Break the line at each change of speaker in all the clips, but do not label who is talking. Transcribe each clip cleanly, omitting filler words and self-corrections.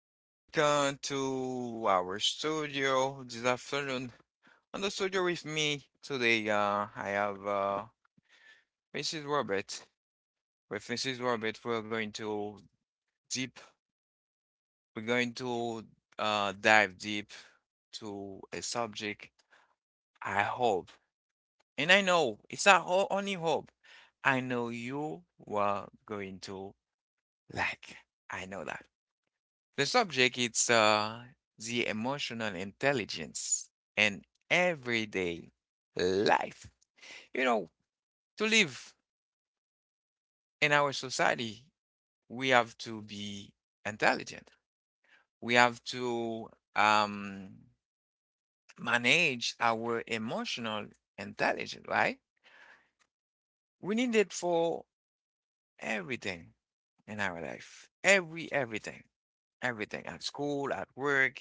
back to our studio this afternoon. On the studio with me today, I have Mrs. Robert. With Mrs. Robert, we're going to deep. We're going to dive deep to a subject. I hope, and I know it's our only hope. I know you are going to like. I know that. The subject is the emotional intelligence and everyday life. You know, to live in our society, we have to be intelligent. We have to um, manage our emotional intelligence, right? We need it for everything in our life. Everything. Everything at school, at work,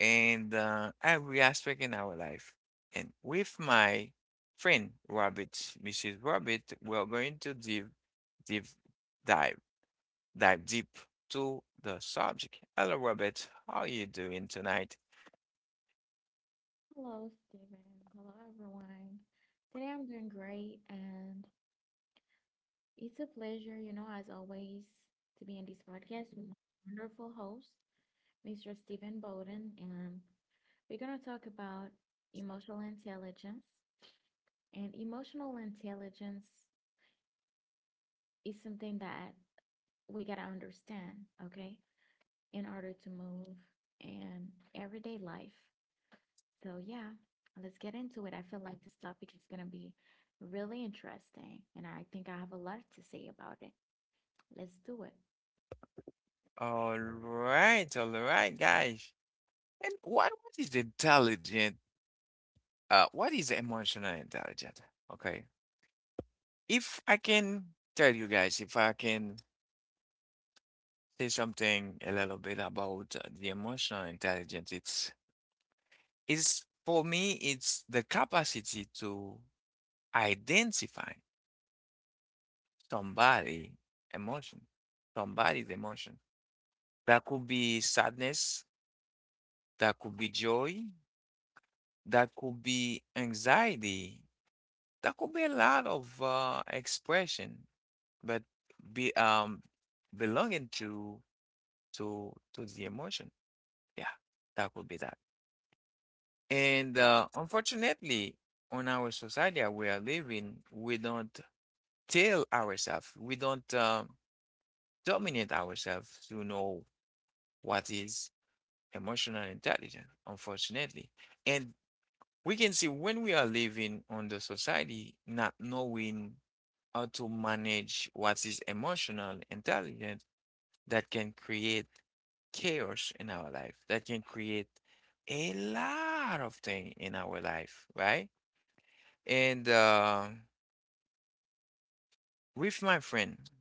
and every aspect in our life. And with my friend Rabbit, Mrs. Rabbit, we're going to dive, dive, dive, dive deep to the subject. Hello, Rabbit. How are you doing tonight?
Hello, Stephen. Hello, everyone. Today I'm doing great, and it's a pleasure, as always, to be in this podcast with my wonderful host, Mr. Stephen Bowden. And we're going to talk about emotional intelligence. And emotional intelligence is something that we got to understand, okay, in order to move in everyday life. So, yeah, let's get into it. I feel like this topic is going to be really interesting, and I think I have a lot to say about it. Let's do it.
All right, guys. And what is intelligent? What is emotional intelligence? Okay. If I can tell you guys, if I can say something a little bit about the emotional intelligence, it's for me, it's the capacity to identify somebody emotion, somebody's emotion. That could be sadness, that could be joy, that could be anxiety, that could be a lot of expression, but be belonging to the emotion. Yeah, that could be that. And unfortunately, on our society that we are living, we don't tell ourselves, we don't dominate ourselves to know what is emotional intelligence, unfortunately. And we can see when we are living on the society, not knowing how to manage what is emotional intelligence, that can create chaos in our life, that can create a lot of things in our life, right? And with my friend,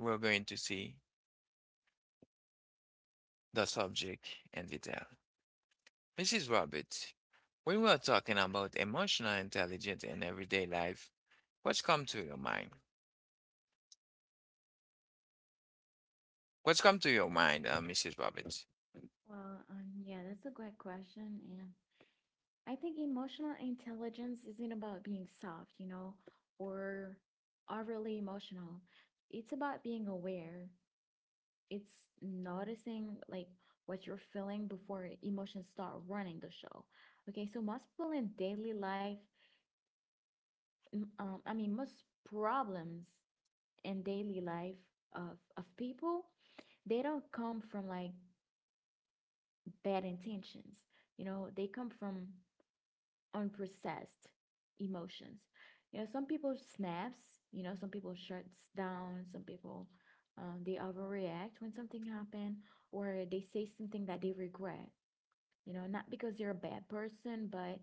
we're going to see the subject in detail. Mrs. Rabbit, when we are talking about emotional intelligence in everyday life, what's come to your mind? What's come to your mind, Mrs. Rabbit?
Yeah, that's a great question. And I think emotional intelligence isn't about being soft, or overly emotional. It's about being aware. It's noticing like what you're feeling before emotions start running the show. Okay, so most people in daily life, I mean, most problems and daily life of people they don't come from like bad intentions, they come from unprocessed emotions. Some people snaps, some people shuts down, some people they overreact when something happened or they say something that they regret, not because they're a bad person but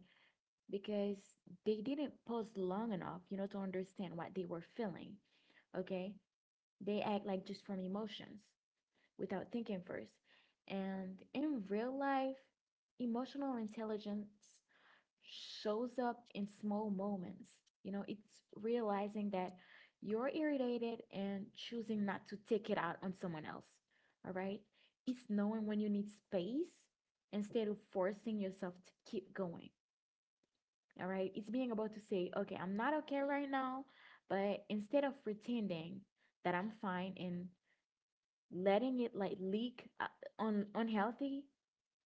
because they didn't pause long enough, to understand what they were feeling. Okay, they act like just from emotions without thinking first. And in real life, emotional intelligence shows up in small moments. It's realizing that you're irritated and choosing not to take it out on someone else. All right. It's knowing when you need space instead of forcing yourself to keep going. All right. It's being able to say, okay, I'm not okay right now. But instead of pretending that I'm fine and letting it like leak on unhealthy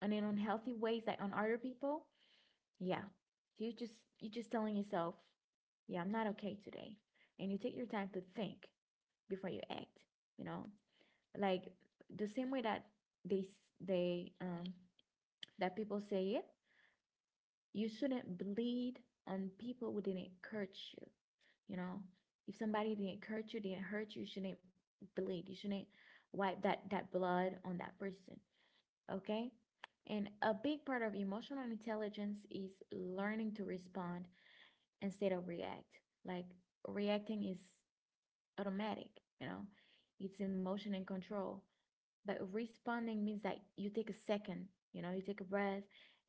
and in unhealthy ways like on other people. Yeah, so you just telling yourself, yeah, I'm not okay today, and you take your time to think before you act, you know like the same way that they they that people say it, you shouldn't bleed on people who didn't hurt you. You know If somebody didn't hurt you, you shouldn't bleed, you shouldn't wipe that blood on that person, okay? And a big part of emotional intelligence is learning to respond instead of react. Like reacting is automatic, you know, it's emotion and control. But responding means that you take a second, you take a breath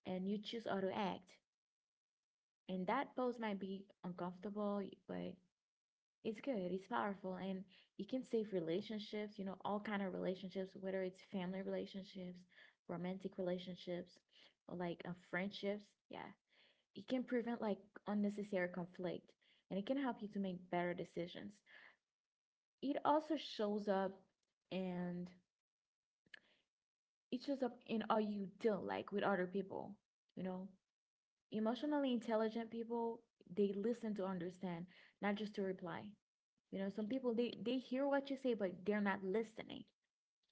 and you choose how to act. And that pose might be uncomfortable, but it's good. It's powerful, and it can save relationships, all kind of relationships, whether it's family relationships, romantic relationships, or like friendships. Yeah, it can prevent like unnecessary conflict, and it can help you to make better decisions. It also shows up, and it shows up in how you deal like with other people. You know, emotionally intelligent people, they listen to understand, not just to reply. Some people they hear what you say, but they're not listening,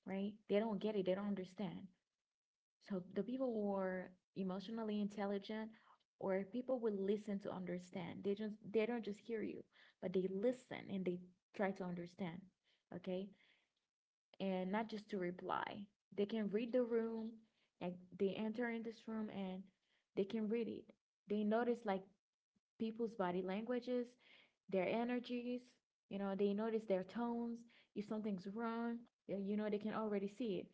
right? They don't get it. They don't understand. So the people who are emotionally intelligent or people will listen to understand. They don't just hear you, but they listen and they try to understand. Okay? And not just to reply. They can read the room, like they enter in this room and they can read it. They notice like people's body languages, their energies, they notice their tones. If something's wrong, they can already see it.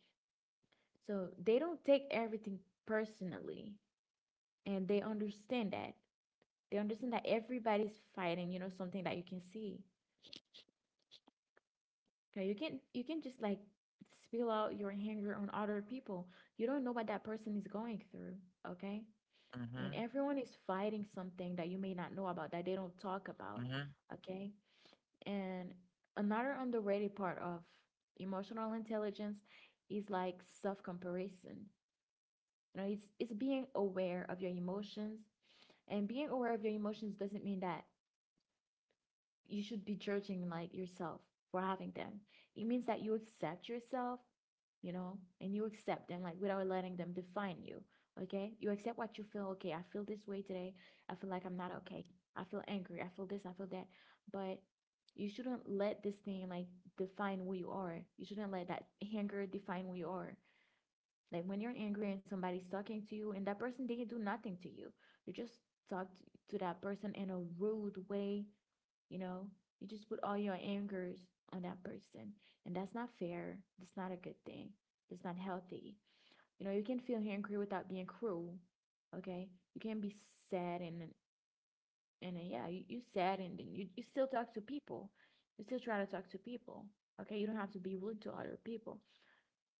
So they don't take everything personally and they understand that. They understand that everybody's fighting, something that you can see. Okay, you can just like spill out your anger on other people. You don't know what that person is going through, okay? And
Mhm,
everyone is fighting something that you may not know about that they don't talk about,
mhm,
okay? And another underrated part of emotional intelligence is like self-comparison. It's being aware of your emotions, and being aware of your emotions doesn't mean that you should be judging like yourself for having them. It means that you accept yourself, and you accept them like without letting them define you. Okay, you accept what you feel. Okay, I feel this way today. I feel like I'm not okay. I feel angry. I feel this. I feel that. But you shouldn't let this thing like define who you are. You shouldn't let that anger define who you are. Like when you're angry and somebody's talking to you, and that person didn't do nothing to you, you just talked to that person in a rude way, you know, you just put all your angers on that person, and that's not fair. That's not a good thing. That's not healthy. You can feel angry without being cruel. Okay, you can be sad and yeah, you sad and then you still talk to people. You still try to talk to people. Okay, you don't have to be rude to other people.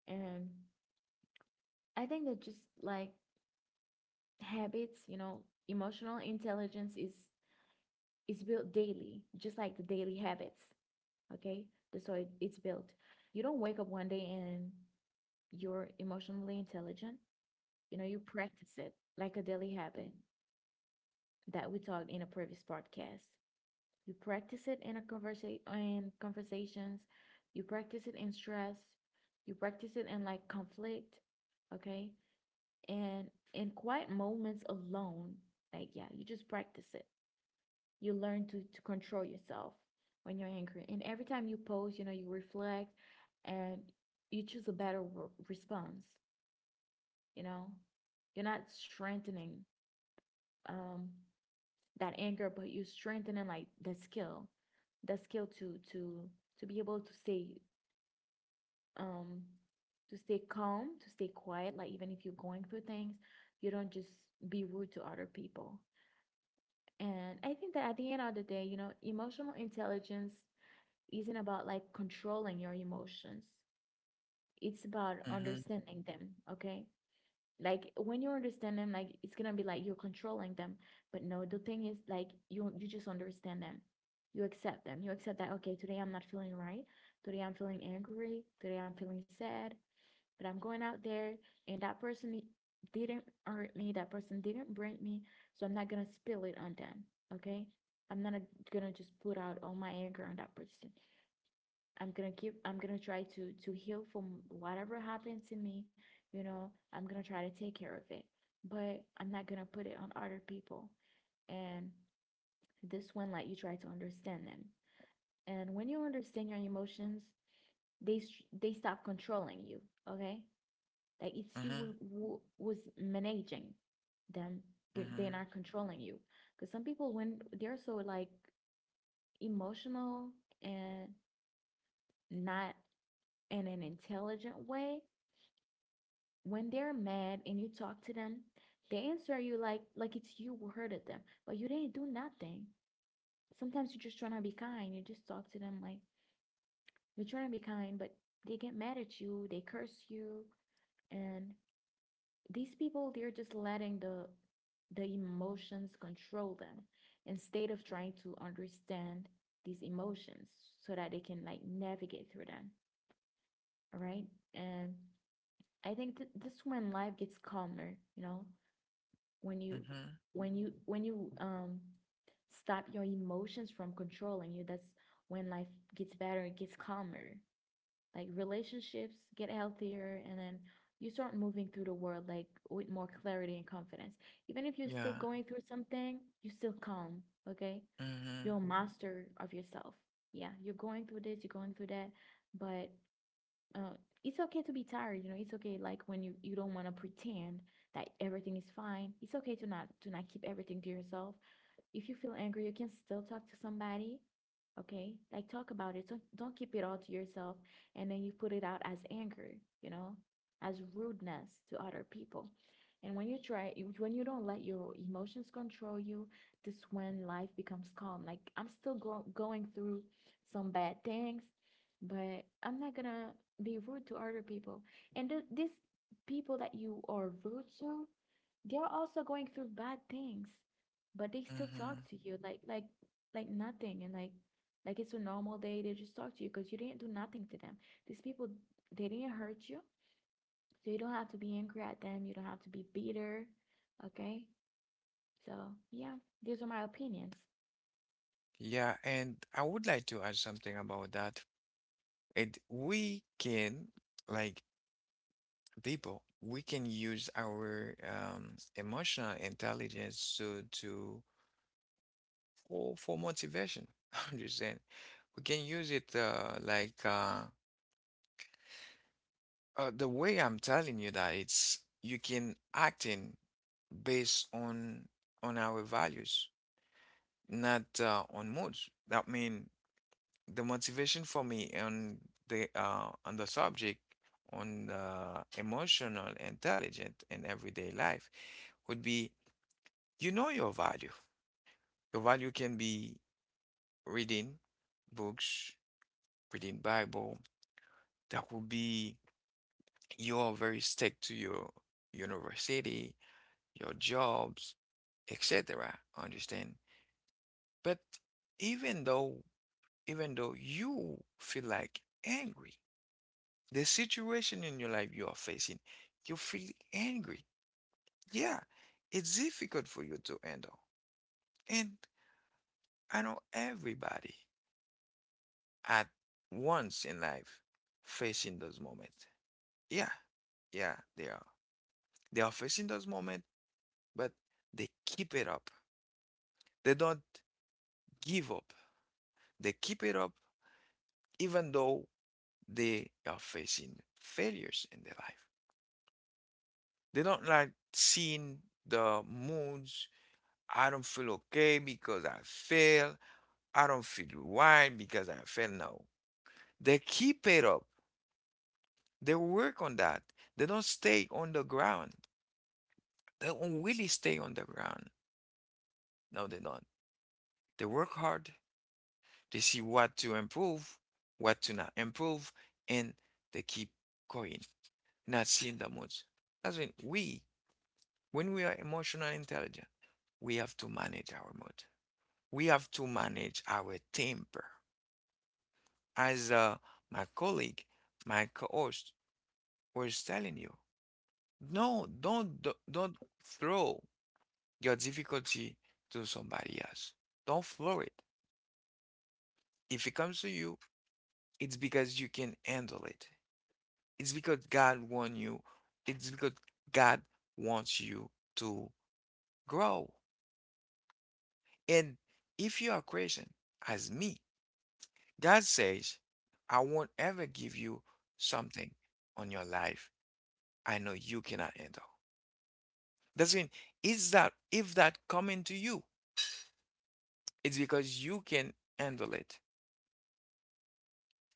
And I think that just like habits, emotional intelligence is built daily, just like the daily habits. Okay, the so it's built. You don't wake up one day and you're emotionally intelligent. You practice it like a daily habit that we talked in a previous podcast. You practice it in a conversation in conversations. You practice it in stress. You practice it in like conflict. Okay, and in quiet moments alone, like, yeah, you just practice it. You learn to control yourself when you're angry. And every time you post, you reflect and you choose a better response, you know? You're not strengthening um, that anger, but you're strengthening like the skill to be able um to stay calm, to stay quiet, like even if you're going through things, you don't just be rude to other people. And I think that at the end of the day, emotional intelligence isn't about like controlling your emotions. It's about
mhm,
understanding them, okay? Like when you understand them, like it's gonna be like you're controlling them. But no, the thing is like you just understand them. You accept them. You accept that, okay, today I'm not feeling right. Today I'm feeling angry. Today I'm feeling sad. But I'm going out there and that person didn't hurt me. That person didn't break me. So I'm not gonna spill it on them. Okay. I'm not gonna just put out all my anger on that person. I'm gonna try to heal from whatever happened to me, I'm gonna try to take care of it, but I'm not gonna put it on other people. And this one, like you try to understand them. And when you understand your emotions, they stop controlling you, okay? Like it's you
mhm,
who was managing them.
mhm,
They're not controlling you. Because some people, when they're so like emotional and not in an intelligent way, when they're mad and you talk to them, they answer you like it's you who hurted them, but you didn't do nothing. Sometimes you're just trying to be kind. You just talk to them like you're trying to be kind, but they get mad at you, they curse you, and these people they're just letting the emotions control them instead of trying to understand these emotions so that they can like navigate through them, all right? And I think that this when life gets calmer, when you
mhm.
when you stop your emotions from controlling you, that's when life gets better. It gets calmer. Like relationships get healthier and then you start moving through the world like with more clarity and confidence, even if you're
Yeah.
still going through something, you're still calm. Okay,
Mhm,
you're a master of yourself. Yeah, you're going through this, you're going through that, but uh, it's okay to be tired, it's okay like you don't want to pretend that everything is fine. It's okay to not keep everything to yourself. If you feel angry, you can still talk to somebody, okay? Like talk about it. Don't keep it all to yourself and then you put it out as anger, you know, as rudeness to other people. And when you don't let your emotions control you, this is when life becomes calm. Like I'm still going through some bad things, but I'm not going to be rude to other people. And these people that you are rude to, they're also going through bad things, but they still talk
mhm.
to you like nothing and like it's a normal day. They just talk to you because you didn't do nothing to them. These people they didn't hurt you, so you don't have to be angry at them. You don't have to be bitter. Okay, so yeah, these are my opinions.
Yeah, and I would like to add something about that. It we can like people, we can use our emotional intelligence to for motivation. I'm just saying we can use it like the way I'm telling you that it's you can act in based on our values, not on moods. That mean the motivation for me on the subject on the emotional intelligent in everyday life would be you know your value. Your value can be reading books, reading Bible. That would be you are very stick to your university, your jobs, etc. Understand? But even though even though you feel like angry the situation in your life you are facing, you feel angry. Yeah, it's difficult for you to handle. And I know everybody at once in life facing those moments. Yeah, yeah, they are. They are facing those moments, but they keep it up. They don't give up. They keep it up even though they are facing failures in their life. They don't like seeing the moods I don't feel okay because I fail. I don't feel right because I fail. No. They keep it up. They work on that. They don't stay on the ground. They don't really stay on the ground. No, they don't. They work hard. They see what to improve, what to not improve, and they keep going, not seeing the moods. That's when when we are emotional intelligent, we have to manage our mood. We have to manage our temper. As my colleague, my co-host was telling you. No, don't throw your difficulty to somebody else. Don't throw it. If it comes to you, it's because you can handle it. It's because God wants you. It's because God wants you to grow. And if you are Christian, as me, God says, I won't ever give you something on your life I know you cannot handle. That's again, is that if that coming to you, it's because you can handle it.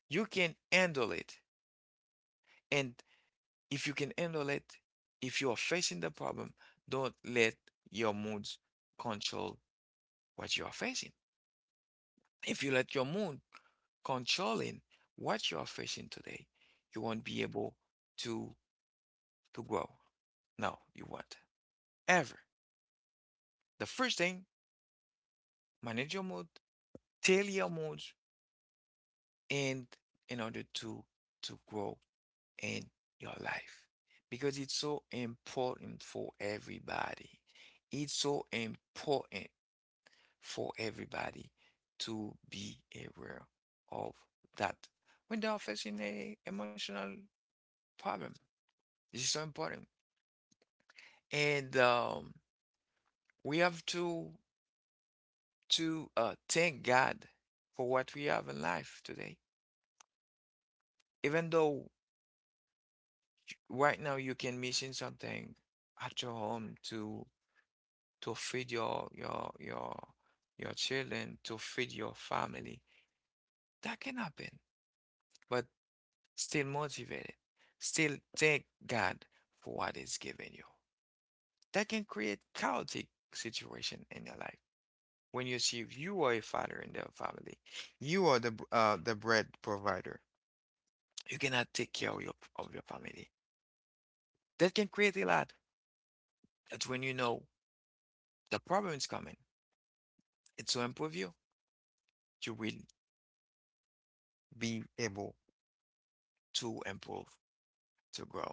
You can handle it. And if you can handle it, if you are facing the problem, don't let your moods control what you are facing. If you let your mood controlling what you are facing today, you won't be able to to grow. No, you won't. Ever. The first thing, manage your mood, tell your moods, and in order to grow in your life because it's so important for everybody. It's so important for everybody to be aware of that when they are facing a emotional problem. This is so important. And we have to thank God for what we have in life today. Even though right now you can missing something at your home to feed your children, to feed your family. That can happen, but still motivated. Still thank God for what He's given you. That can create chaotic situation in your life. When you see you are a father in the family, you are the bread provider. You cannot take care of your family. That can create a lot. That's when you know the problem is coming. It's to improve you. You will be able to improve to grow.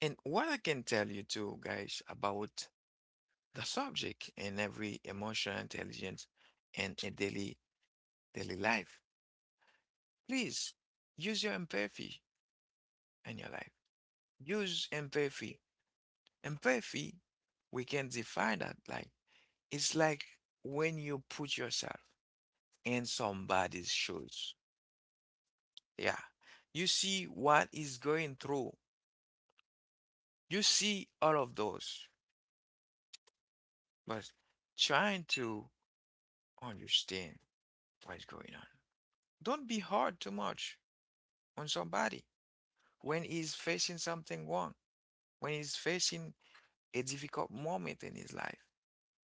And what I can tell you too, guys, about the subject in every emotional intelligence and a daily life. Please use your empathy in your life. Use empathy. Empathy, we can define that like it's like when you put yourself in somebody's shoes. Yeah. You see what is going through. You see all of those, but trying to understand what's going on. Don't be hard too much on somebody when he's facing something wrong, when he's facing a difficult moment in his life.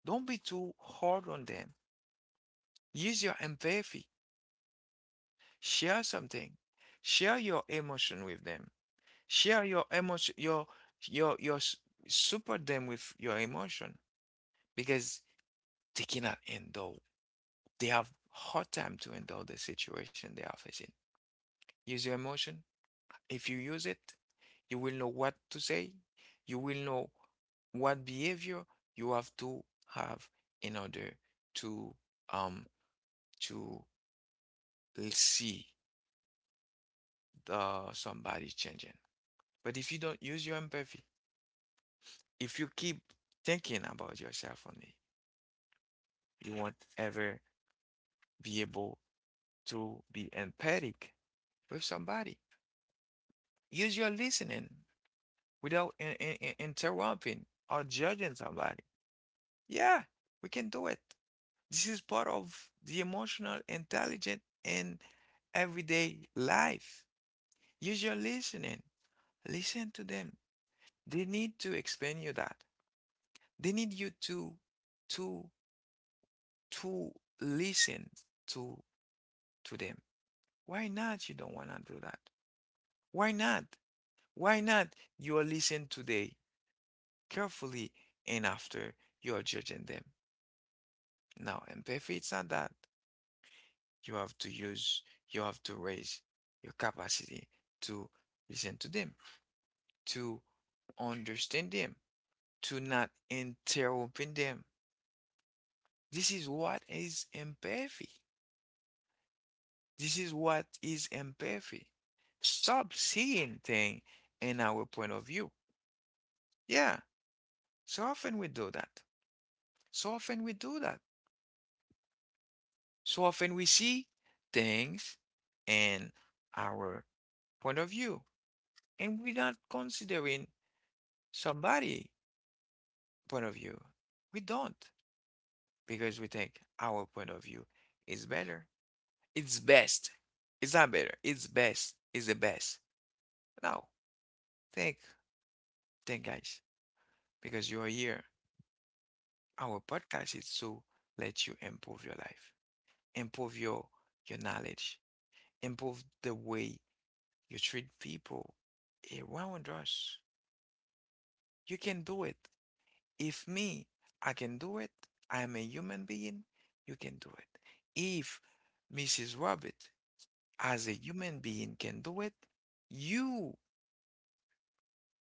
Don't be too hard on them. Use your empathy. Share something. Share your emotion with them. Share your emotion, your, your, support them with your emotion because they cannot endure. They have hard time to endure the situation they are facing. Use your emotion. If you use it, you will know what to say, you will know what behavior you have to have in order to um to see the somebody changing. But if you don't use your empathy, if you keep thinking about yourself only, you won't ever be able to be empathic with somebody. Use your listening without interrupting or judging somebody. Yeah, we can do it. This is part of the emotional intelligence in everyday life. Use your listening. Listen to them. They need to explain you that. They need you to to listen to to them. Why not you don't wanna do that? Why not? Why not you are listening today carefully and after you are judging them? Now empathy it's not that. you have to use, you have to raise your capacity to listen to them, to understand them, to not interrupt them. This is what is empathy. This is what is empathy. Stop seeing things in our point of view. Yeah, so often we do that. So often we do that. So often we see things in our point of view and we're not considering somebody point of view. We don't because we think our point of view is better. It's best. It's not better. It's best. It's the best. Now, think, think, guys, because you're here. Our podcast is to let you improve your life, improve your knowledge, improve the way you treat people around us. You can do it. If me, I can do it. I am a human being. You can do it. If Mrs. Rabbit as a human being can do it, you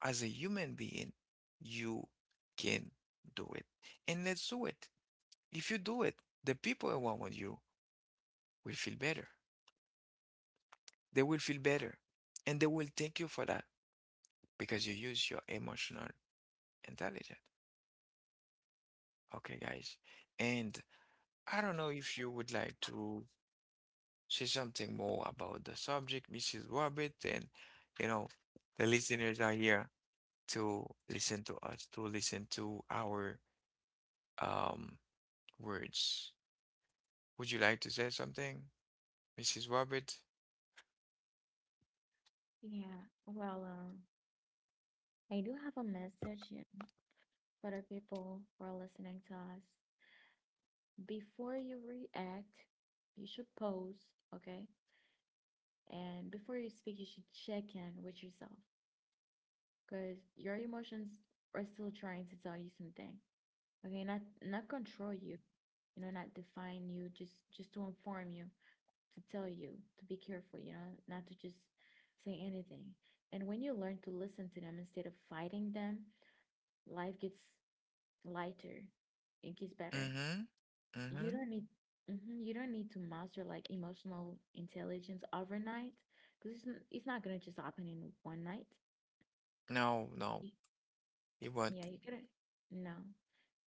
as a human being, you can do it. And let's do it. If you do it, the people around you will feel better. They will feel better. And they will thank you for that because you use your emotional intelligence. Okay, guys. And I don't know if you would like to say something more about the subject, Mrs. Robert, and you know, the listeners are here to listen to us, to listen to our um words. Would you like to say something, Mrs. Robert?
Yeah, well, I do have a message, yeah, for the people who are listening to us. Before you react, you should pause. Okay. And before you speak, you should check in with yourself because your emotions are still trying to tell you something. Okay, not control you, you know, not define you, just to inform you, to tell you to be careful, you know, not to just say anything. And when you learn to listen to them instead of fighting them, life gets lighter. It gets better.
Mm-hmm.
you
Mm-hmm.
don't need mhm, you don't need to master like emotional intelligence overnight because it's not gonna just happen in one night.
No, no,
Y-
it
Yeah,
won't.
you gotta— no,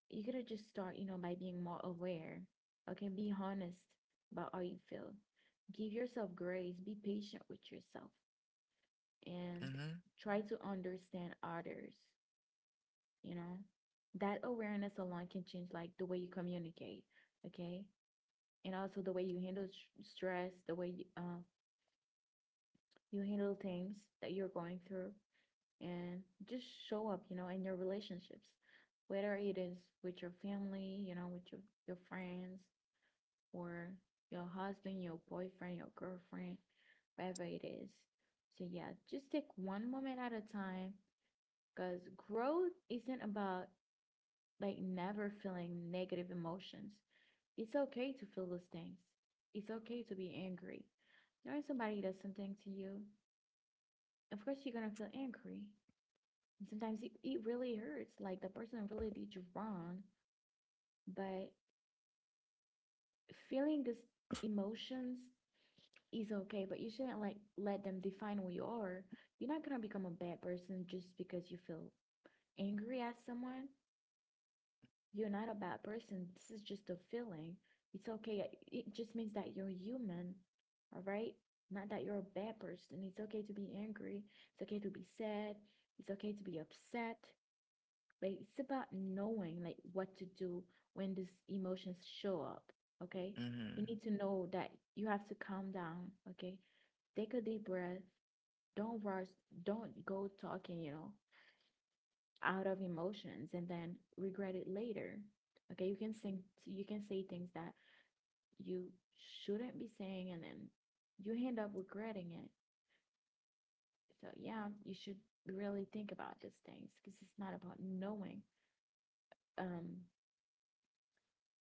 you gotta just start, you know, by being more aware. Okay, be honest about how you feel. Give yourself grace. Be patient with yourself and
Mm-hmm.
try to understand others. You know, that awareness alone can change like the way you communicate. Okay, and also the way you handle stress, the way you, you handle things that you're going through and just show up, you know, in your relationships, whether it is with your family, you know, with your friends or your husband, your boyfriend, your girlfriend, whatever it is. So, yeah, just take one moment at a time because growth isn't about like never feeling negative emotions. It's okay to feel those things. It's okay to be angry. Knowing somebody does something to you, of course, you're going to feel angry. And sometimes it really hurts. Like the person really did you wrong, but feeling these emotions is okay, but you shouldn't like let them define who you are. You're not gonna become a bad person just because you feel angry at someone. You're not a bad person. This is just a feeling. It's okay. It just means that you're human, all right? Not that you're a bad person. It's okay to be angry. It's okay to be sad. It's okay to be upset, but it's about knowing like what to do when these emotions show up. Okay, you
Mm-hmm.
need to know that you have to calm down. Okay, take a deep breath, don't rush, don't go talking, out of emotions and then regret it later. Okay, you can sing, you can say things that you shouldn't be saying, and then you end up regretting it. So yeah, you should really think about these things because it's not about knowing, um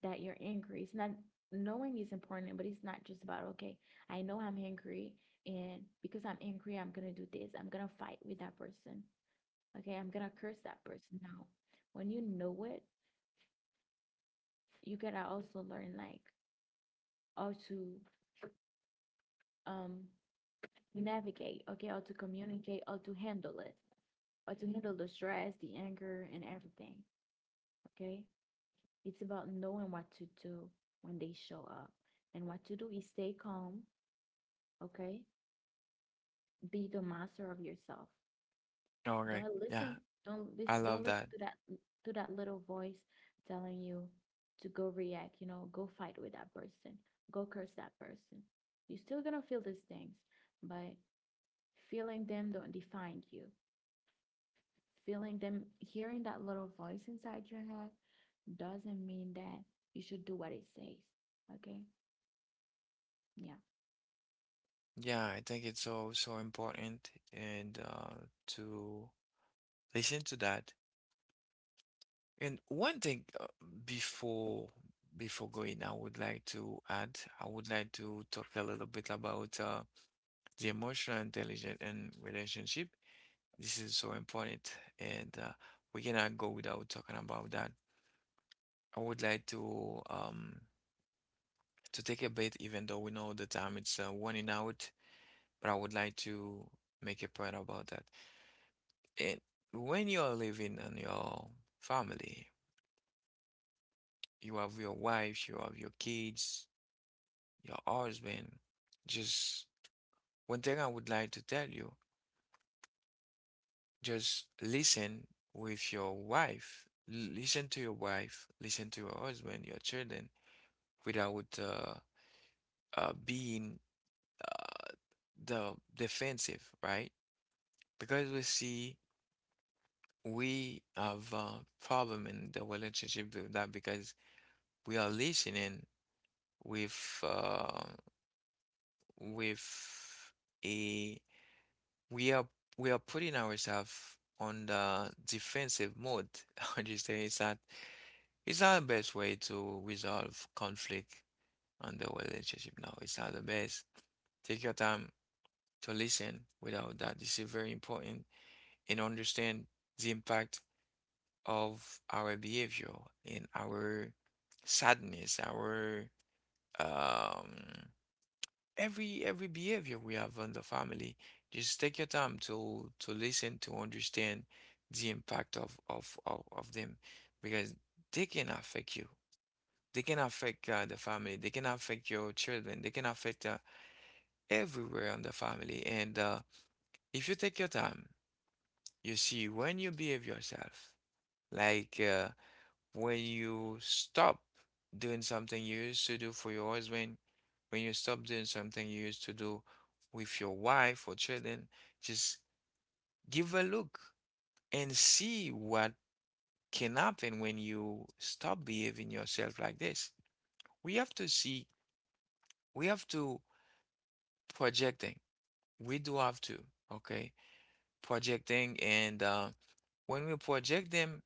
that you're angry. It's not— knowing is important, but it's not just about, okay, I know I'm angry, and because I'm angry, I'm gonna do this. I'm gonna fight with that person. Okay, I'm gonna curse that person now. When you know it, you gotta also learn like how to, um navigate, okay, how to communicate, how to handle it, how to handle the stress, the anger, and everything. Okay, it's about knowing what to do when they show up, and what to do is stay calm. Okay, be the master of yourself.
All right.
Don't
Yeah,
listen. Don't listen.
I love
Don't
that.
listen to that— to that little voice telling you to go react. You know, go fight with that person. Go curse that person. You're still gonna feel these things, but feeling them don't define you. Feeling them, hearing that little voice inside your head doesn't mean that you should do what it says. Okay? Yeah.
Yeah, I think it's so so important and to listen to that. And one thing before before going, I would like to talk a little bit about the emotional intelligence and relationship. This is so important, and we cannot go without talking about that. I would like to take a bit, even though we know the time it's running out, but I would like to make a point about that. And when you are living on your family, you have your wife, you have your kids, your husband. Just one thing I would like to tell you. Just listen with your wife. Listen to your wife. Listen to your husband, your children, without being uh, the defensive, right? Because we have a problem in the relationship with that because we are listening with uh, with a we are we are putting ourselves on the defensive mode. Understand? It's not the best way to resolve conflict on the relationship. No, it's not the best. Take your time to listen without that. This is very important, and understand the impact of our behavior and our sadness, our um every behavior we have on the family. Just take your time to listen to understand the impact of them, because they can affect you. They can affect the family. They can affect your children. They can affect everywhere on the family. And if you take your time, you see when you behave yourself, like when you stop doing something you used to do for your husband, when you stop doing something you used to do with your wife or children, just give a look and see what can happen when you stop behaving yourself like this. We have to see, we have to projecting. We do have to, okay? Projecting, and when we project them,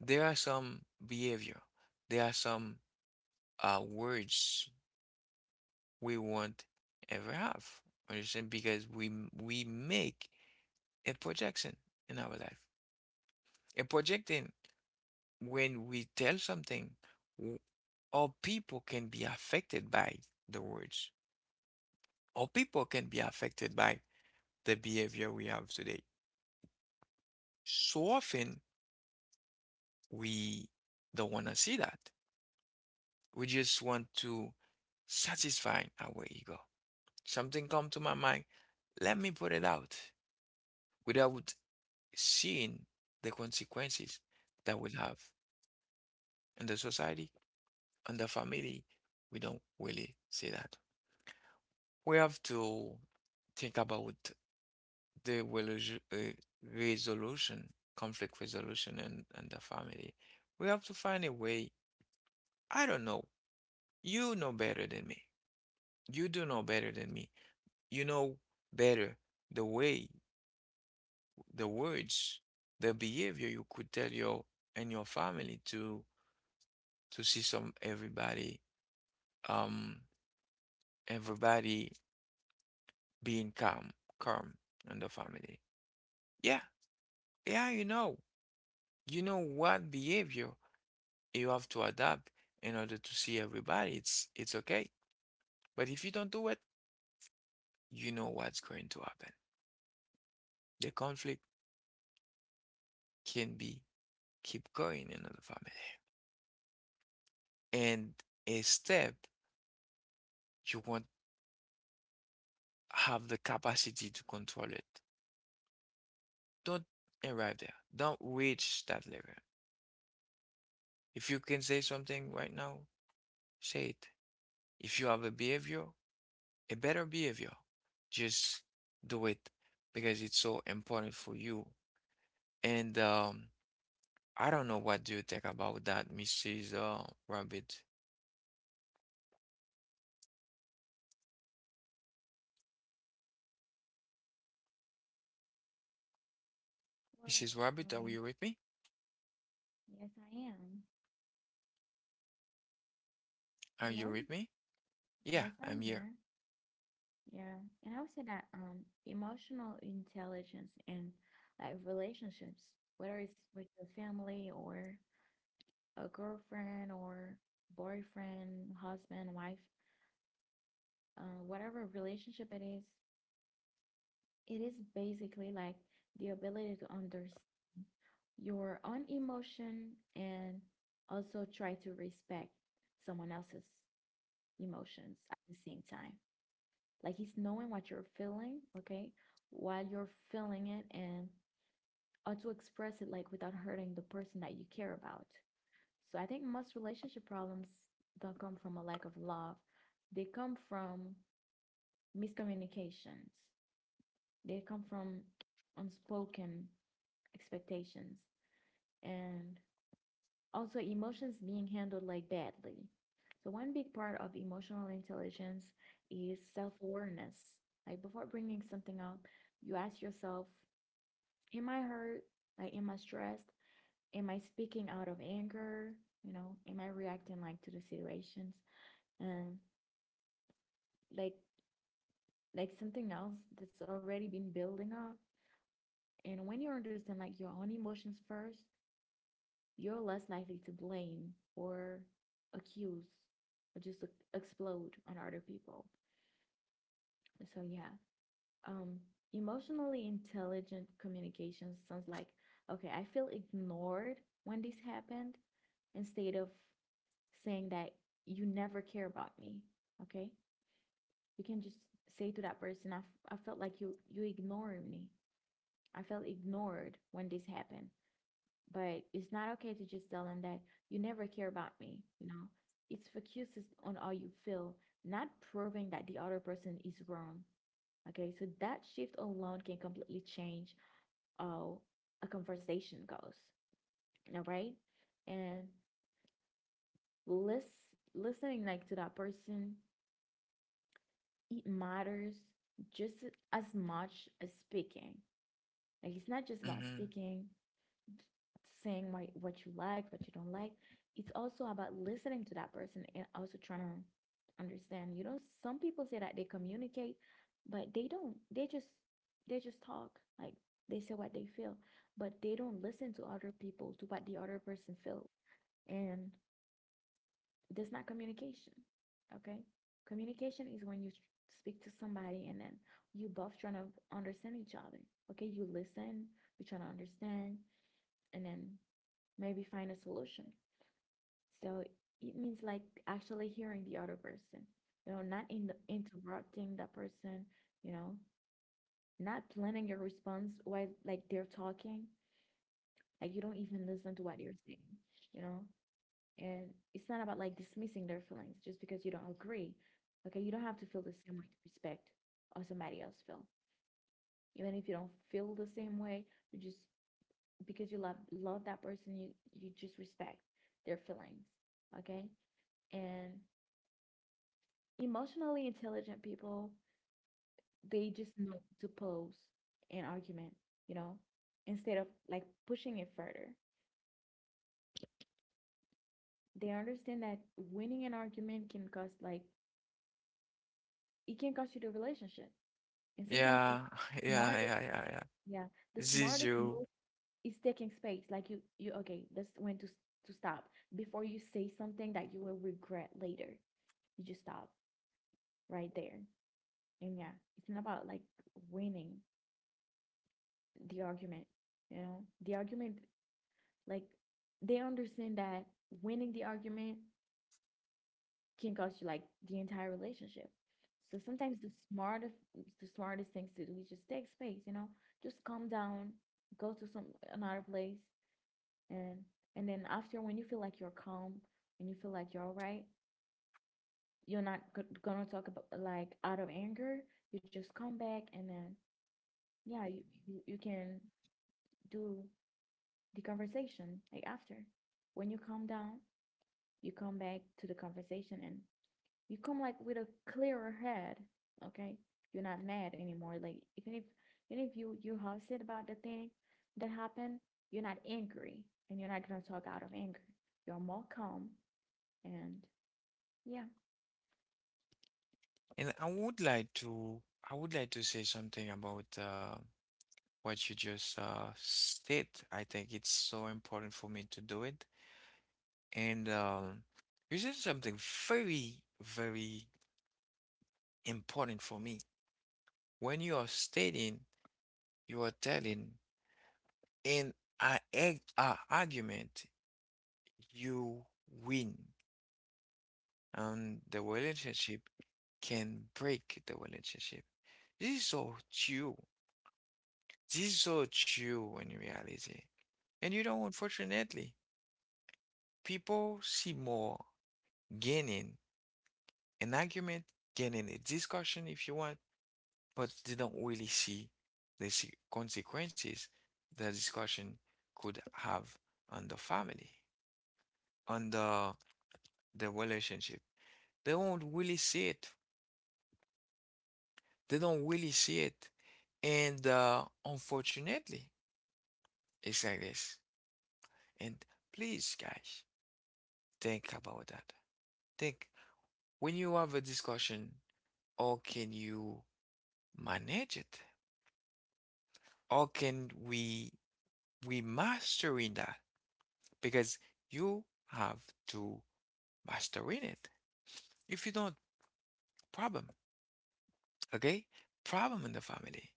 there are some behavior, there are some words we won't ever have. Understand? Because we make a projection in our life. A projecting, when we tell something, all people can be affected by the words. All people can be affected by the behavior we have today. So often we don't want to see that. We just want to satisfy our ego. Something come to my mind, let me put it out without seeing the consequences that will have in the society and the family. We don't really see that. We have to think about the resolution, conflict resolution and the family. We have to find a way. I don't know. You know better than me. You do know better than me, you know better the way, the words, the behavior you could tell your and your family to see some everybody um everybody being calm, calm in the family. Yeah, yeah, you know. You know what behavior you have to adapt in order to see everybody. It's okay. But if you don't do it, you know what's going to happen. The conflict can be keep going in the family. And a step you want have the capacity to control it. Don't arrive there. Don't reach that level. If you can say something right now, say it. If you have a behavior, a better behavior, just do it because it's so important for you. And I don't know what do you think about that, Mrs. Rabbit.
Well,
Mrs.
I—
Rabbit, are you with me?
yes, I am.
Are
Hello.
you with me? Yeah,
Yes,
I'm
I'm
here.
here. Yeah, and I would say that emotional intelligence and like relationships, whether it's with your family or a girlfriend or boyfriend, husband, wife, whatever relationship it is basically like the ability to understand your own emotion and also try to respect someone else's emotions at the same time. Like it's knowing what you're feeling, okay, while you're feeling it and or to express it like without hurting the person that you care about. So I think most relationship problems don't come from a lack of love. They come from miscommunications. They come from unspoken expectations and also emotions being handled like badly. So one big part of emotional intelligence is self-awareness. Like before bringing something up, you ask yourself, am I hurt? Like am I stressed? Am I speaking out of anger? You know, am I reacting like to the situations? And like— like something else that's already been building up. And when you understand like your own emotions first, you're less likely to blame or accuse or just like explode on other people. So yeah. Um Emotionally intelligent communication sounds like, okay, I feel ignored when this happened, instead of saying that you never care about me. Okay, you can just say to that person, "I felt like you ignored me. I felt ignored when this happened," but it's not okay to just tell them that you never care about me, you know. It's focuses on how you feel, not proving that the other person is wrong. Okay, so that shift alone can completely change how a conversation goes, all right? And listen— listening like to that person, it matters just as much as speaking. Like it's not just about
Hmm.
speaking, saying what you like, what you don't like. It's also about listening to that person and also trying to understand. You know, some people say that they communicate, but they don't. They just talk. Like they say what they feel, but they don't listen to other people to what the other person feels. And that's not communication. Okay. Communication is when you speak to somebody and then you both trying to understand each other. Okay. You listen, you trying to understand, and then maybe find a solution. So it means like actually hearing the other person, you know, not in the, interrupting that person, you know, not planning your response while like they're talking. Like you don't even listen to what they're saying, you know. And it's not about like dismissing their feelings just because you don't agree. Okay, you don't have to feel the same way to respect or somebody else feel. Even if you don't feel the same way, you just— because you love that person, you— you just respect their feelings. Okay? And emotionally intelligent people, they just know to pose an argument, you know, instead of like pushing it further. They understand that winning an argument can cost like— it can cost you the relationship. And sometimes the
Yeah, yeah,
smartest—
yeah, yeah, yeah.
yeah, the
This is
smartest
you.
move is taking space. Like you— okay, that's when to to stop before you say something that you will regret later. You just stop right there. And yeah, it's not about like winning the argument, you know? The argument, like they understand that winning the argument can cost you like the entire relationship. So sometimes the smartest things to do is just take space, you know? Just calm down, go to some another place, and— and then after, when you feel like you're calm, when you feel like you're all right, you're not gonna talk about like out of anger, you just come back, and then yeah, you can do the conversation like after, when you calm down, you come back to the conversation and you come like with a clearer head. Okay, you're not mad anymore, like even if— even if you— you upset about the thing that happened, you're not angry and you're not gonna talk out of anger, you're more calm, and— yeah.
And I would like to I would like to say something about what you just said. I think it's so important for me to do it. And you said something very, very important for me. When you are stating, you are telling in a argument, you win, and the relationship can break the relationship. This is so true. This is so true in reality. And you know, unfortunately, people see more gaining an argument, gaining a discussion if you want, but they don't really see the consequences the discussion could have on the family, on the relationship. They will not really see it. They don't really see it. And unfortunately, it's like this. And please, guys, think about that. Think. When you have a discussion, how can you manage it? How can we mastering that? Because you have to mastering it. If you don't, problem. Okay? Problem in the family.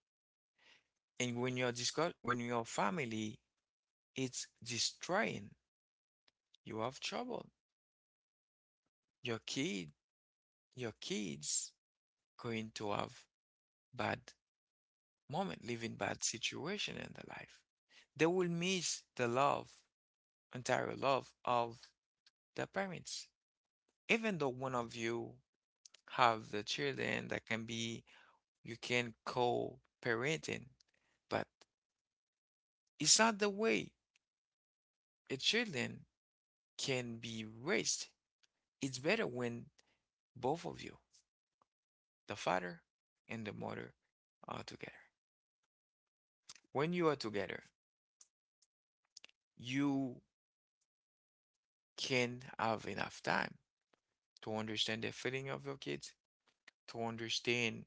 And when you're discuss when your family is destroying, you have trouble. Your kid your kids going to have bad moment, living bad situation in their life. They will miss the love, entire love of the parents. Even though one of you have the children that can be, you can co-parenting, but it's not the way a children can be raised. It's better when both of you, the father and the mother, are together. When you are together, you can have enough time to understand the feeling of your kids, to understand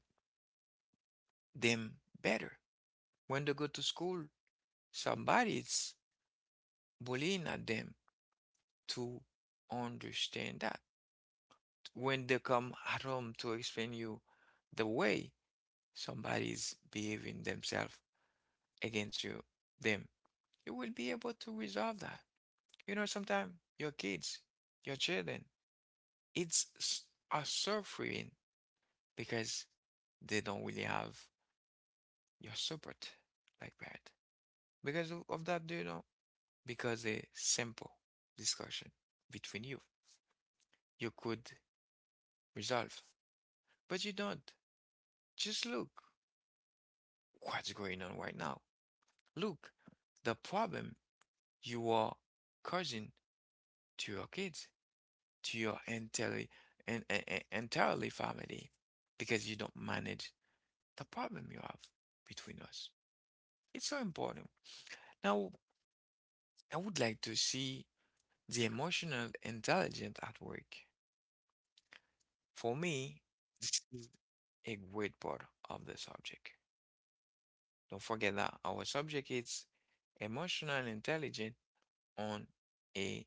them better. When they go to school, somebody's bullying at them, to understand that. When they come at home to explain you the way somebody's behaving themselves against you, them, you will be able to resolve that. You know, sometimes your kids, your children, it's s- are suffering because they don't really have your support like that. Because of that, do you know? Because a simple discussion between you, you could resolve. But you don't. Just look what's going on right now. Look the problem you are causing to your kids, to your entirely and entirely family, because you don't manage the problem you have between us. It's so important. Now, I would like to see the emotional intelligence at work. For me, this is a great part of the subject. Don't forget that our subject is emotional intelligence on a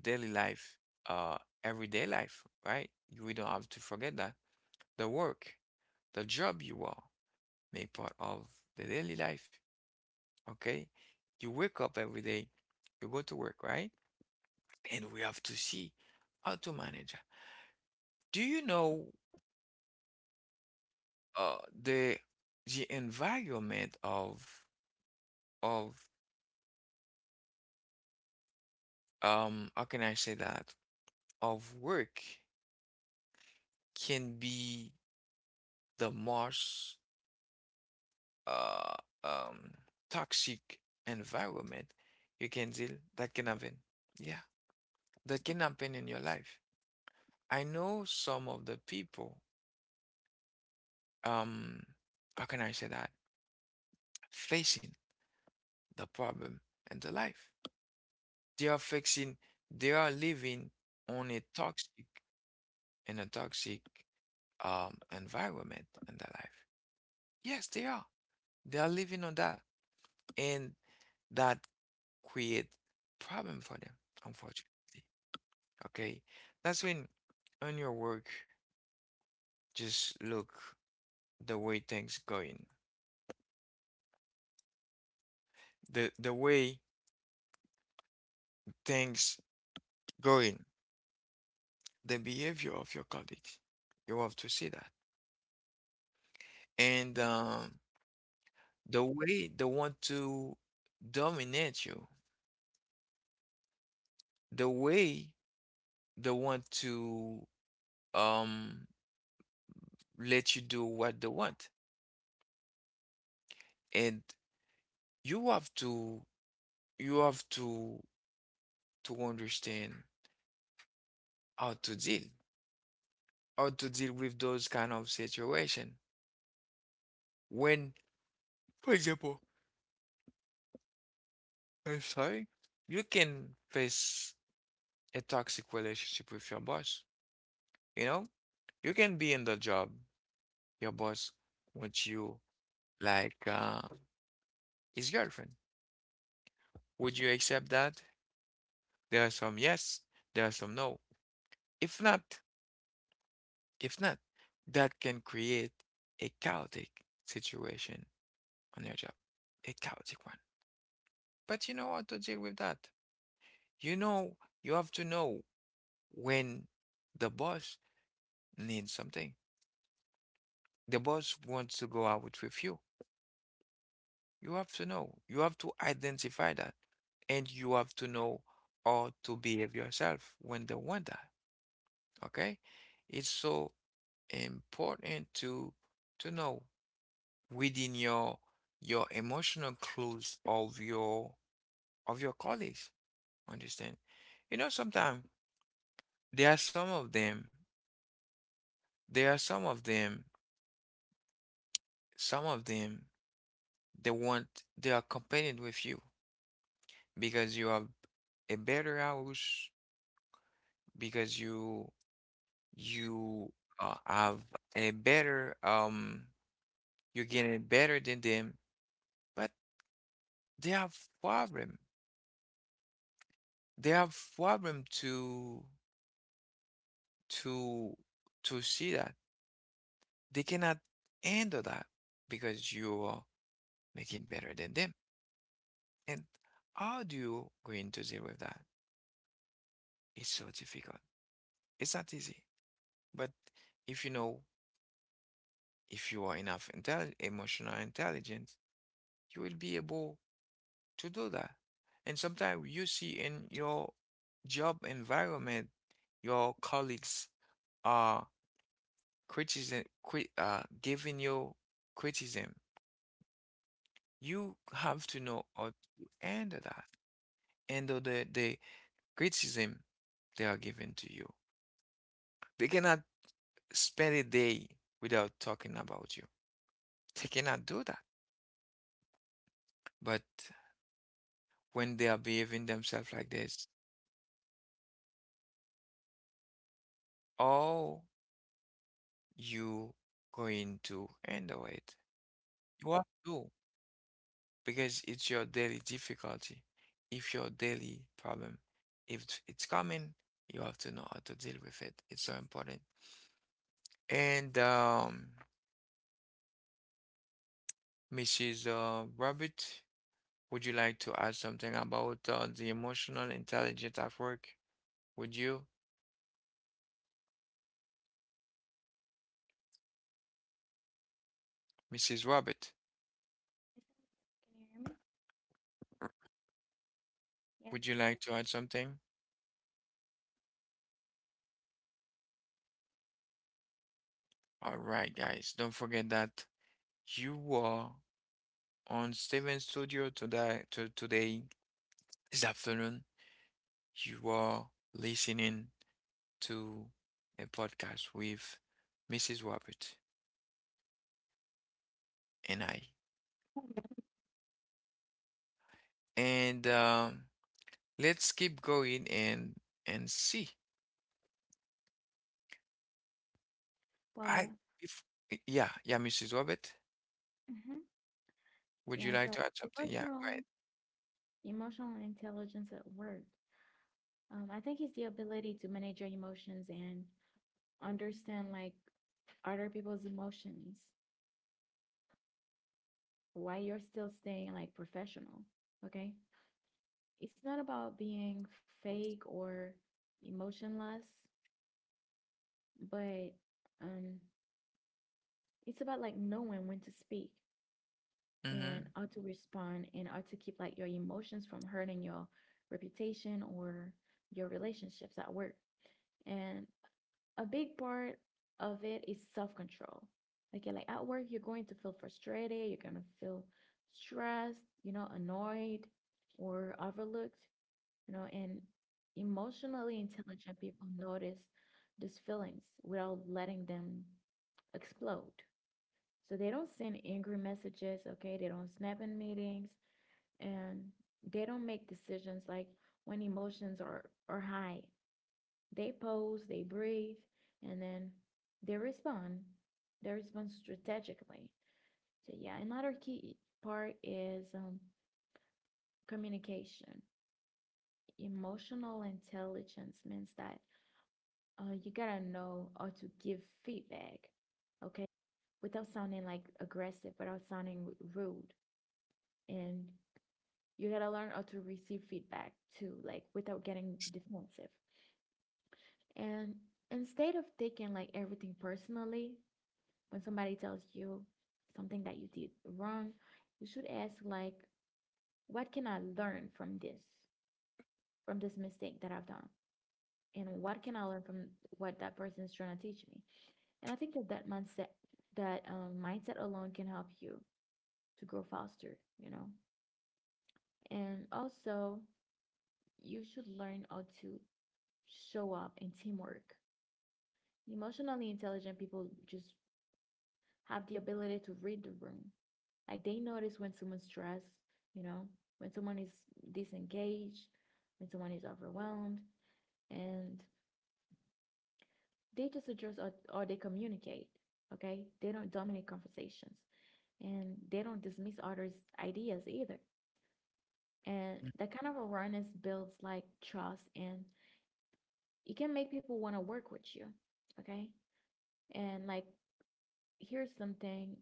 daily life, uh, everyday life, right? We don't have to forget that. The work, the job you are, make part of the daily life, okay? You wake up every day, you go to work, right? And we have to see how to manage that. Do you know uh, the the environment of of how can I say that? Of work can be the most uh, um, toxic environment you can deal that can happen. Yeah, that can happen in your life. I know some of the people, um, how can I say that? Facing the problem in the life. They are fixing, they are living on a toxic, in a toxic environment in their life. Yes, they are. They are living on that. And that create problem for them, unfortunately. Okay, that's when on your work just look the way things going, the way things going, the behavior of your colleagues. You have to see that, and the way they want to dominate you, the way they want to um let you do what they want, and you have to you have to understand how to deal how to deal with those kind of situation when, for example, I'm sorry, you can face a toxic relationship with your boss. You know, you can be in the job, your boss wants you like his girlfriend. Would you accept that? There are some yes, there are some no. if not if not, that can create a chaotic situation on your job, a chaotic one. But you know how to deal with that. You know, you have to know when the boss needs something. The boss wants to go out with you. You have to know. You have to identify that. And you have to know how to behave yourself when they want that. Okay? It's so important to know within your emotional clues of your colleagues. Understand? You know, sometimes there are some of them, there are some of them some of them, they want they are competing with you because you have a better house, because you have a better you're getting better than them, but they have problem. They have problem to to see that they cannot handle that because you are making better than them. And how do you going to deal with that? It's so difficult. It's not easy. But if you know, if you are enough intel emotional intelligence, you will be able to do that. And sometimes you see in your job environment, your colleagues are criticism, cri giving you criticism. You have to know how to handle that, handle the criticism they are giving to you. They cannot spend a day without talking about you. They cannot do that. But when they are behaving themselves like this, or you going to handle it. You have to, because it's your daily difficulty. If your daily problem, if it's coming, you have to know how to deal with it. It's so important. And Mrs. Rabbit, would you like to add something about the emotional intelligence at work? Would you, Mrs. Rabbit,
Yes, I'm here. Can you hear me? Yes,
would you like
hello?
to add something? All right, guys, don't forget that you are on Steven Studio today, today, this afternoon. You are listening to a podcast with Mrs. Wabbit and I. And let's keep going and see. I
Well,
if yeah, Mrs. Wabbit,
mm-hmm.
would you
Yeah.
like
So
to add something? Yeah, go
emotional,
ahead.
emotional intelligence at work. I think it's the ability to manage your emotions and understand like other people's emotions while you're still staying like professional. Okay. It's not about being fake or emotionless, but um, it's about like knowing when to speak and
Mm-hmm.
how to respond and how to keep like your emotions from hurting your reputation or your relationships at work. And a big part of it is self-control. Okay, like at work, you're going to feel frustrated, you're gonna feel stressed, you know, annoyed or overlooked, you know, and emotionally intelligent people notice these feelings without letting them explode. So they don't send angry messages, okay? They don't snap in meetings, and they don't make decisions like when emotions are high. They pause, they breathe, and then they respond. They respond strategically. So yeah, another key part is, communication. Emotional intelligence means that you gotta know how to give feedback, okay, without sounding like aggressive, without sounding rude, and you gotta learn how to receive feedback too, like without getting defensive. And instead of taking like everything personally, when somebody tells you something that you did wrong, you should ask like, what can I learn from this mistake that I've done? And what can I learn from what that person is trying to teach me? And I think that that mindset alone can help you to grow faster, you know? And also, you should learn how to show up in teamwork. Emotionally intelligent people just have the ability to read the room. Like they notice when someone's stressed, you know, when someone is disengaged, when someone is overwhelmed, and they just address or they communicate. Okay, they don't dominate conversations and they don't dismiss others' ideas either. And that kind of awareness builds like trust and it can make people want to work with you. Okay, and like here's something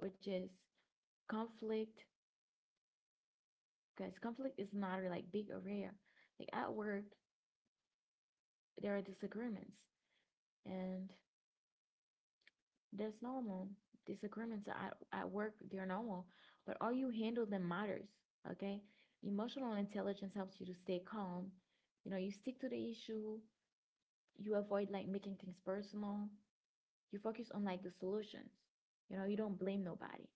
which is conflict, because conflict is not a like big area. Like at work there are disagreements and that's normal. Disagreements at work, they're normal, but how you handle them matters. Okay. Emotional intelligence helps you to stay calm. You know, you stick to the issue, you avoid like making things personal, you focus on like the solutions. You know, you don't blame nobody.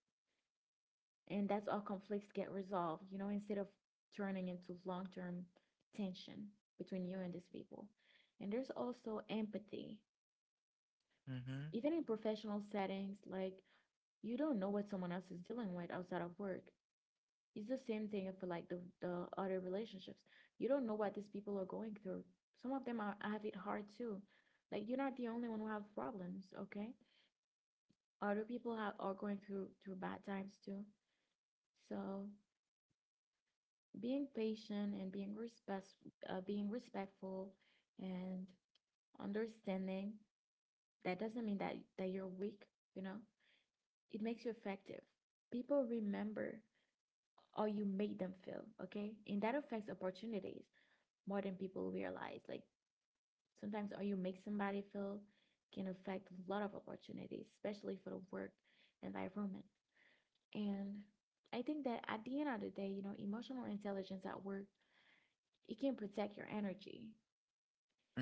And that's how conflicts get resolved, you know, instead of turning into long term tension between you and these people. And there's also empathy.
Mm-hmm.
Even in professional settings, like you don't know what someone else is dealing with outside of work. It's the same thing for like the other relationships. You don't know what these people are going through. Some of them are have it hard too. Like you're not the only one who have problems, okay? Other people have, are going through bad times too. So being patient and being respect, being respectful and understanding, that doesn't mean that you're weak, you know. It makes you effective. People remember or you made them feel, okay? And that affects opportunities more than people realize. Like sometimes how you make somebody feel can affect a lot of opportunities, especially for the work environment. And I think that at the end of the day, you know, emotional intelligence at work, it can protect your energy,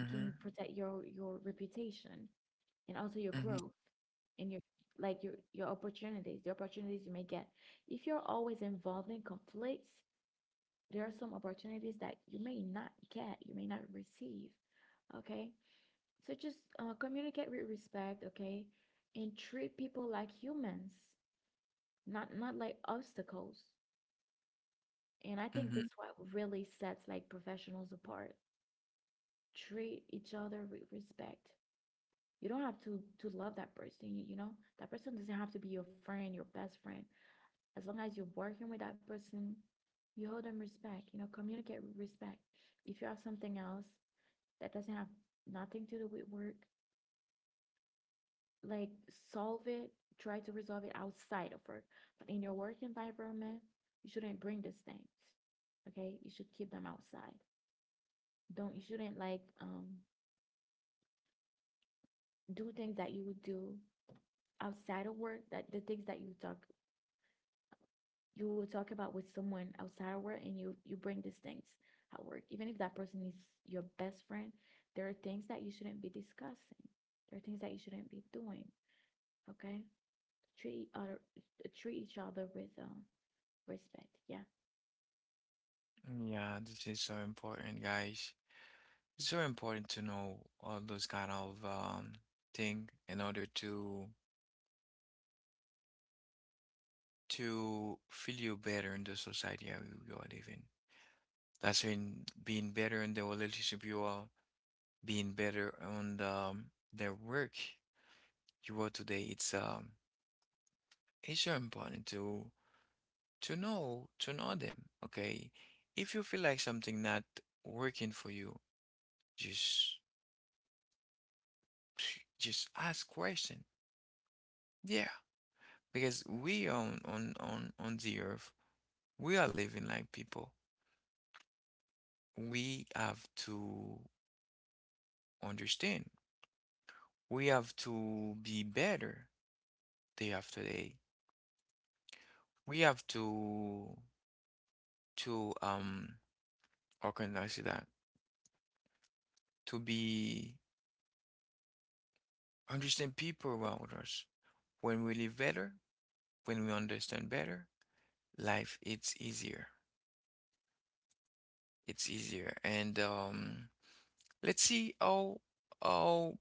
it can protect your reputation and also your
Mm-hmm.
growth and your like your opportunities, the opportunities you may get. If you're always involved in conflicts, there are some opportunities that you may not get, you may not receive. Okay, so just communicate with respect. Okay, and treat people like humans, not like obstacles. And I think
Mm-hmm.
that's what really sets like professionals apart. Treat each other with respect. You don't have to love that person. You know that person doesn't have to be your friend, your best friend. As long as you're working with that person, you hold them respect. You know, communicate with respect. If you have something else that doesn't have nothing to do with work. Like solve it, try to resolve it outside of work. But in your work environment, you shouldn't bring these things. Okay? You should keep them outside. Don't You shouldn't like do things that you would do outside of work, that the things that you talk you will talk about with someone outside of work, and you bring these things at work. Even if that person is your best friend, there are things that you shouldn't be discussing. There are things that you shouldn't be doing. Okay. treat other Treat each other with respect. Yeah.
Yeah, this is so important, guys. It's very important to know all those kind of thing in order to feel you better in the society you are living. That's in being better in the relationship you are, being better on the work you are today. It's very important to know them. Okay, if you feel like something not working for you, just just ask question. Yeah, because we on the earth we are living like people. We have to understand. We have to be better day after day. We have to to um how can I say that, to be understand people around us. When we live better, when we understand better, life it's easier. It's easier. And let's see how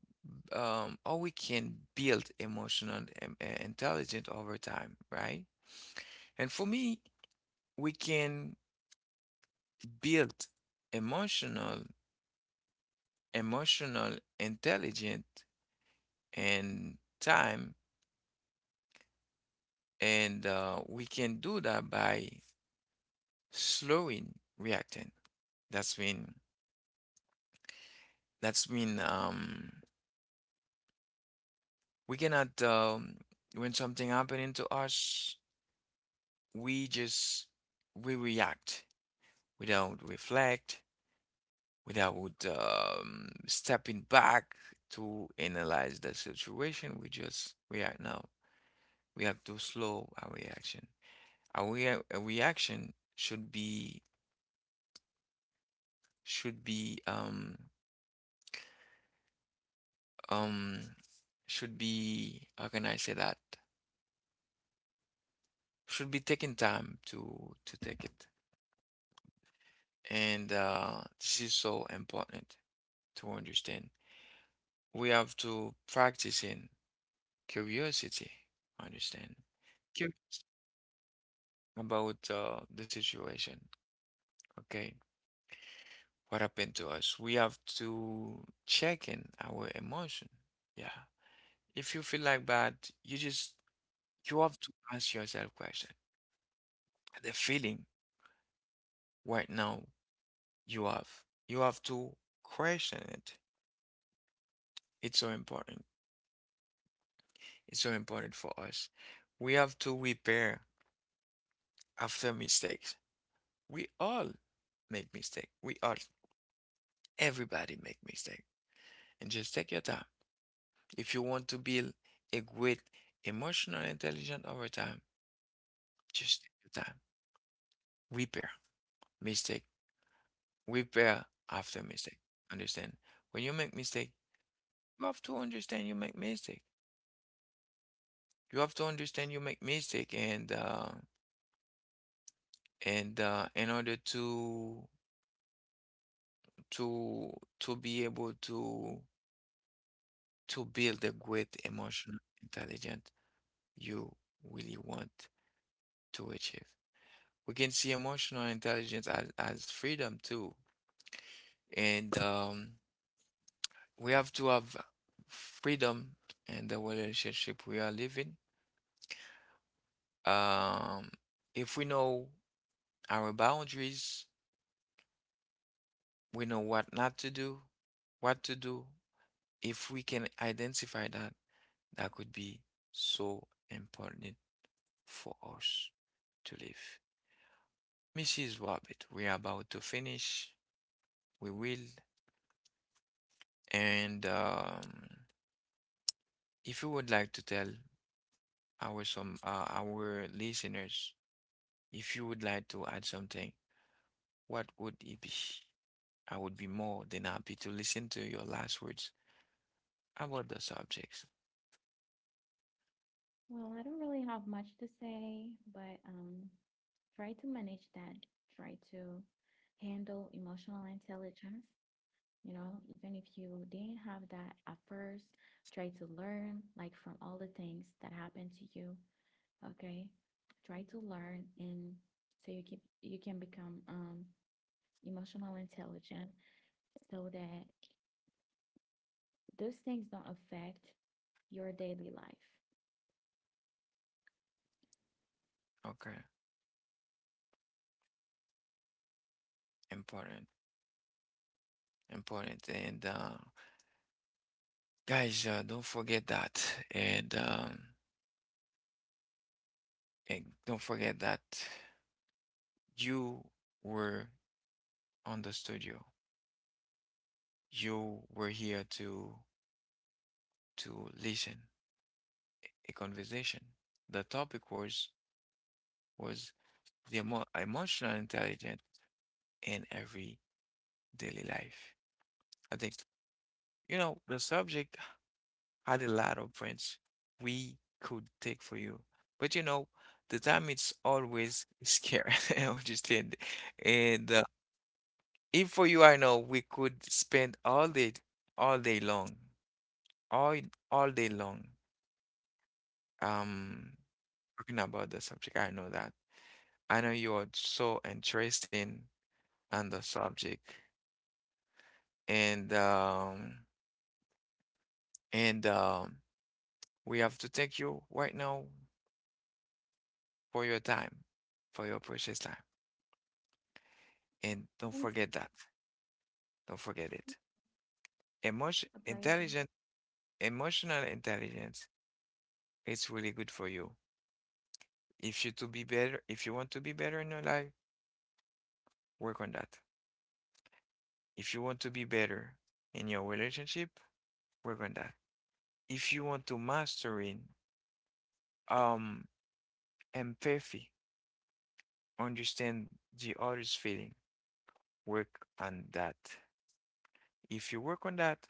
how we can build emotional intelligence over time, right? And for me, we can build emotional, emotional intelligent and time, and we can do that by slowing reacting. That's mean. That's mean. We cannot. When something happening to us, we just we react without reflect, without stepping back to analyze the situation. We just react now. We have to slow our reaction. Our a reaction should be should be um um should be, how can I say that? Should be taking time to take it. And this is so important to understand. We have to practice in curiosity, understand cu- about the situation. Okay, what happened to us? We have to check in our emotion. Yeah. If you feel like bad, you just you have to ask yourself question. The feeling right now you have, you have to question it. It's so important. It's so important for us. We have to repair after mistakes. We all make mistake. We all, everybody make mistake. And just take your time. If you want to build a great emotional intelligence over time, just take your time. Repair mistake. We bear after mistake. Understand? When you make mistake, you have to understand you make mistake. You have to understand you make mistake and in order to to be able to build a great emotional intelligence you really want to achieve. We can see emotional intelligence as freedom too. And we have to have freedom in the relationship we are living. Um, if we know our boundaries, we know what not to do, what to do. If we can identify that, that could be so important for us to live. Mrs. Rabbit, we are about to finish. We will. And if you would like to tell our some our listeners, if you would like to add something, what would it be? I would be more than happy to listen to your last words. How about the subjects?
Well, I don't really have much to say, but try to manage that. Try to handle emotional intelligence. You know, even if you didn't have that at first, try to learn like from all the things that happened to you. Okay, try to learn, and you can become emotional intelligent so that those things don't affect your daily life.
Okay, important, important. And guys, don't forget that. And, um, and don't forget that you were on the studio. You were here to listen a conversation. The topic was the emotional intelligence in every daily life. I think you know the subject had a lot of friends we could take for you. But you know, the time it's always scared, understand? And if for you, I know we could spend all day long, all all day long, um, talking about the subject. I know that. I know you are so interesting on the subject, and um, and we have to thank you right now for your time, for your precious time. And don't
Thank you.
forget that. Don't forget it. Emotion,
It's a pleasure.
intelligent, emotional intelligence. It's really good for you. If you to be better, if you want to be better in your life, work on that. If you want to be better in your relationship, work on that. If you want to mastering um empathy, understand the other's feeling, work on that. If you work on that,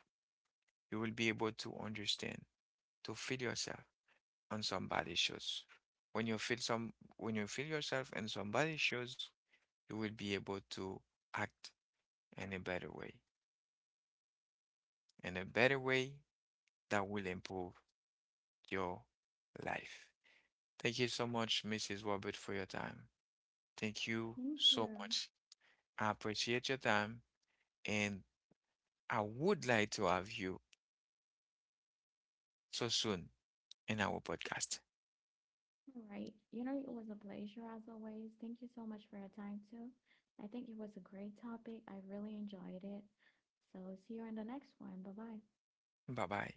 you will be able to understand, to feel yourself on somebody's shoes. When you feel yourself in somebody's shoes, you will be able to act in a better way, in a better way that will improve your life. Thank you so much, Mrs. Robert, for your time. Thank you
Thank
so
you.
much. I appreciate your time, and I would like to have you so soon in our podcast.
All right. You know, it was a pleasure as always. Thank you so much for your time too. I think it was a great topic. I really enjoyed it. So see you in the next one. Bye bye.
Bye bye.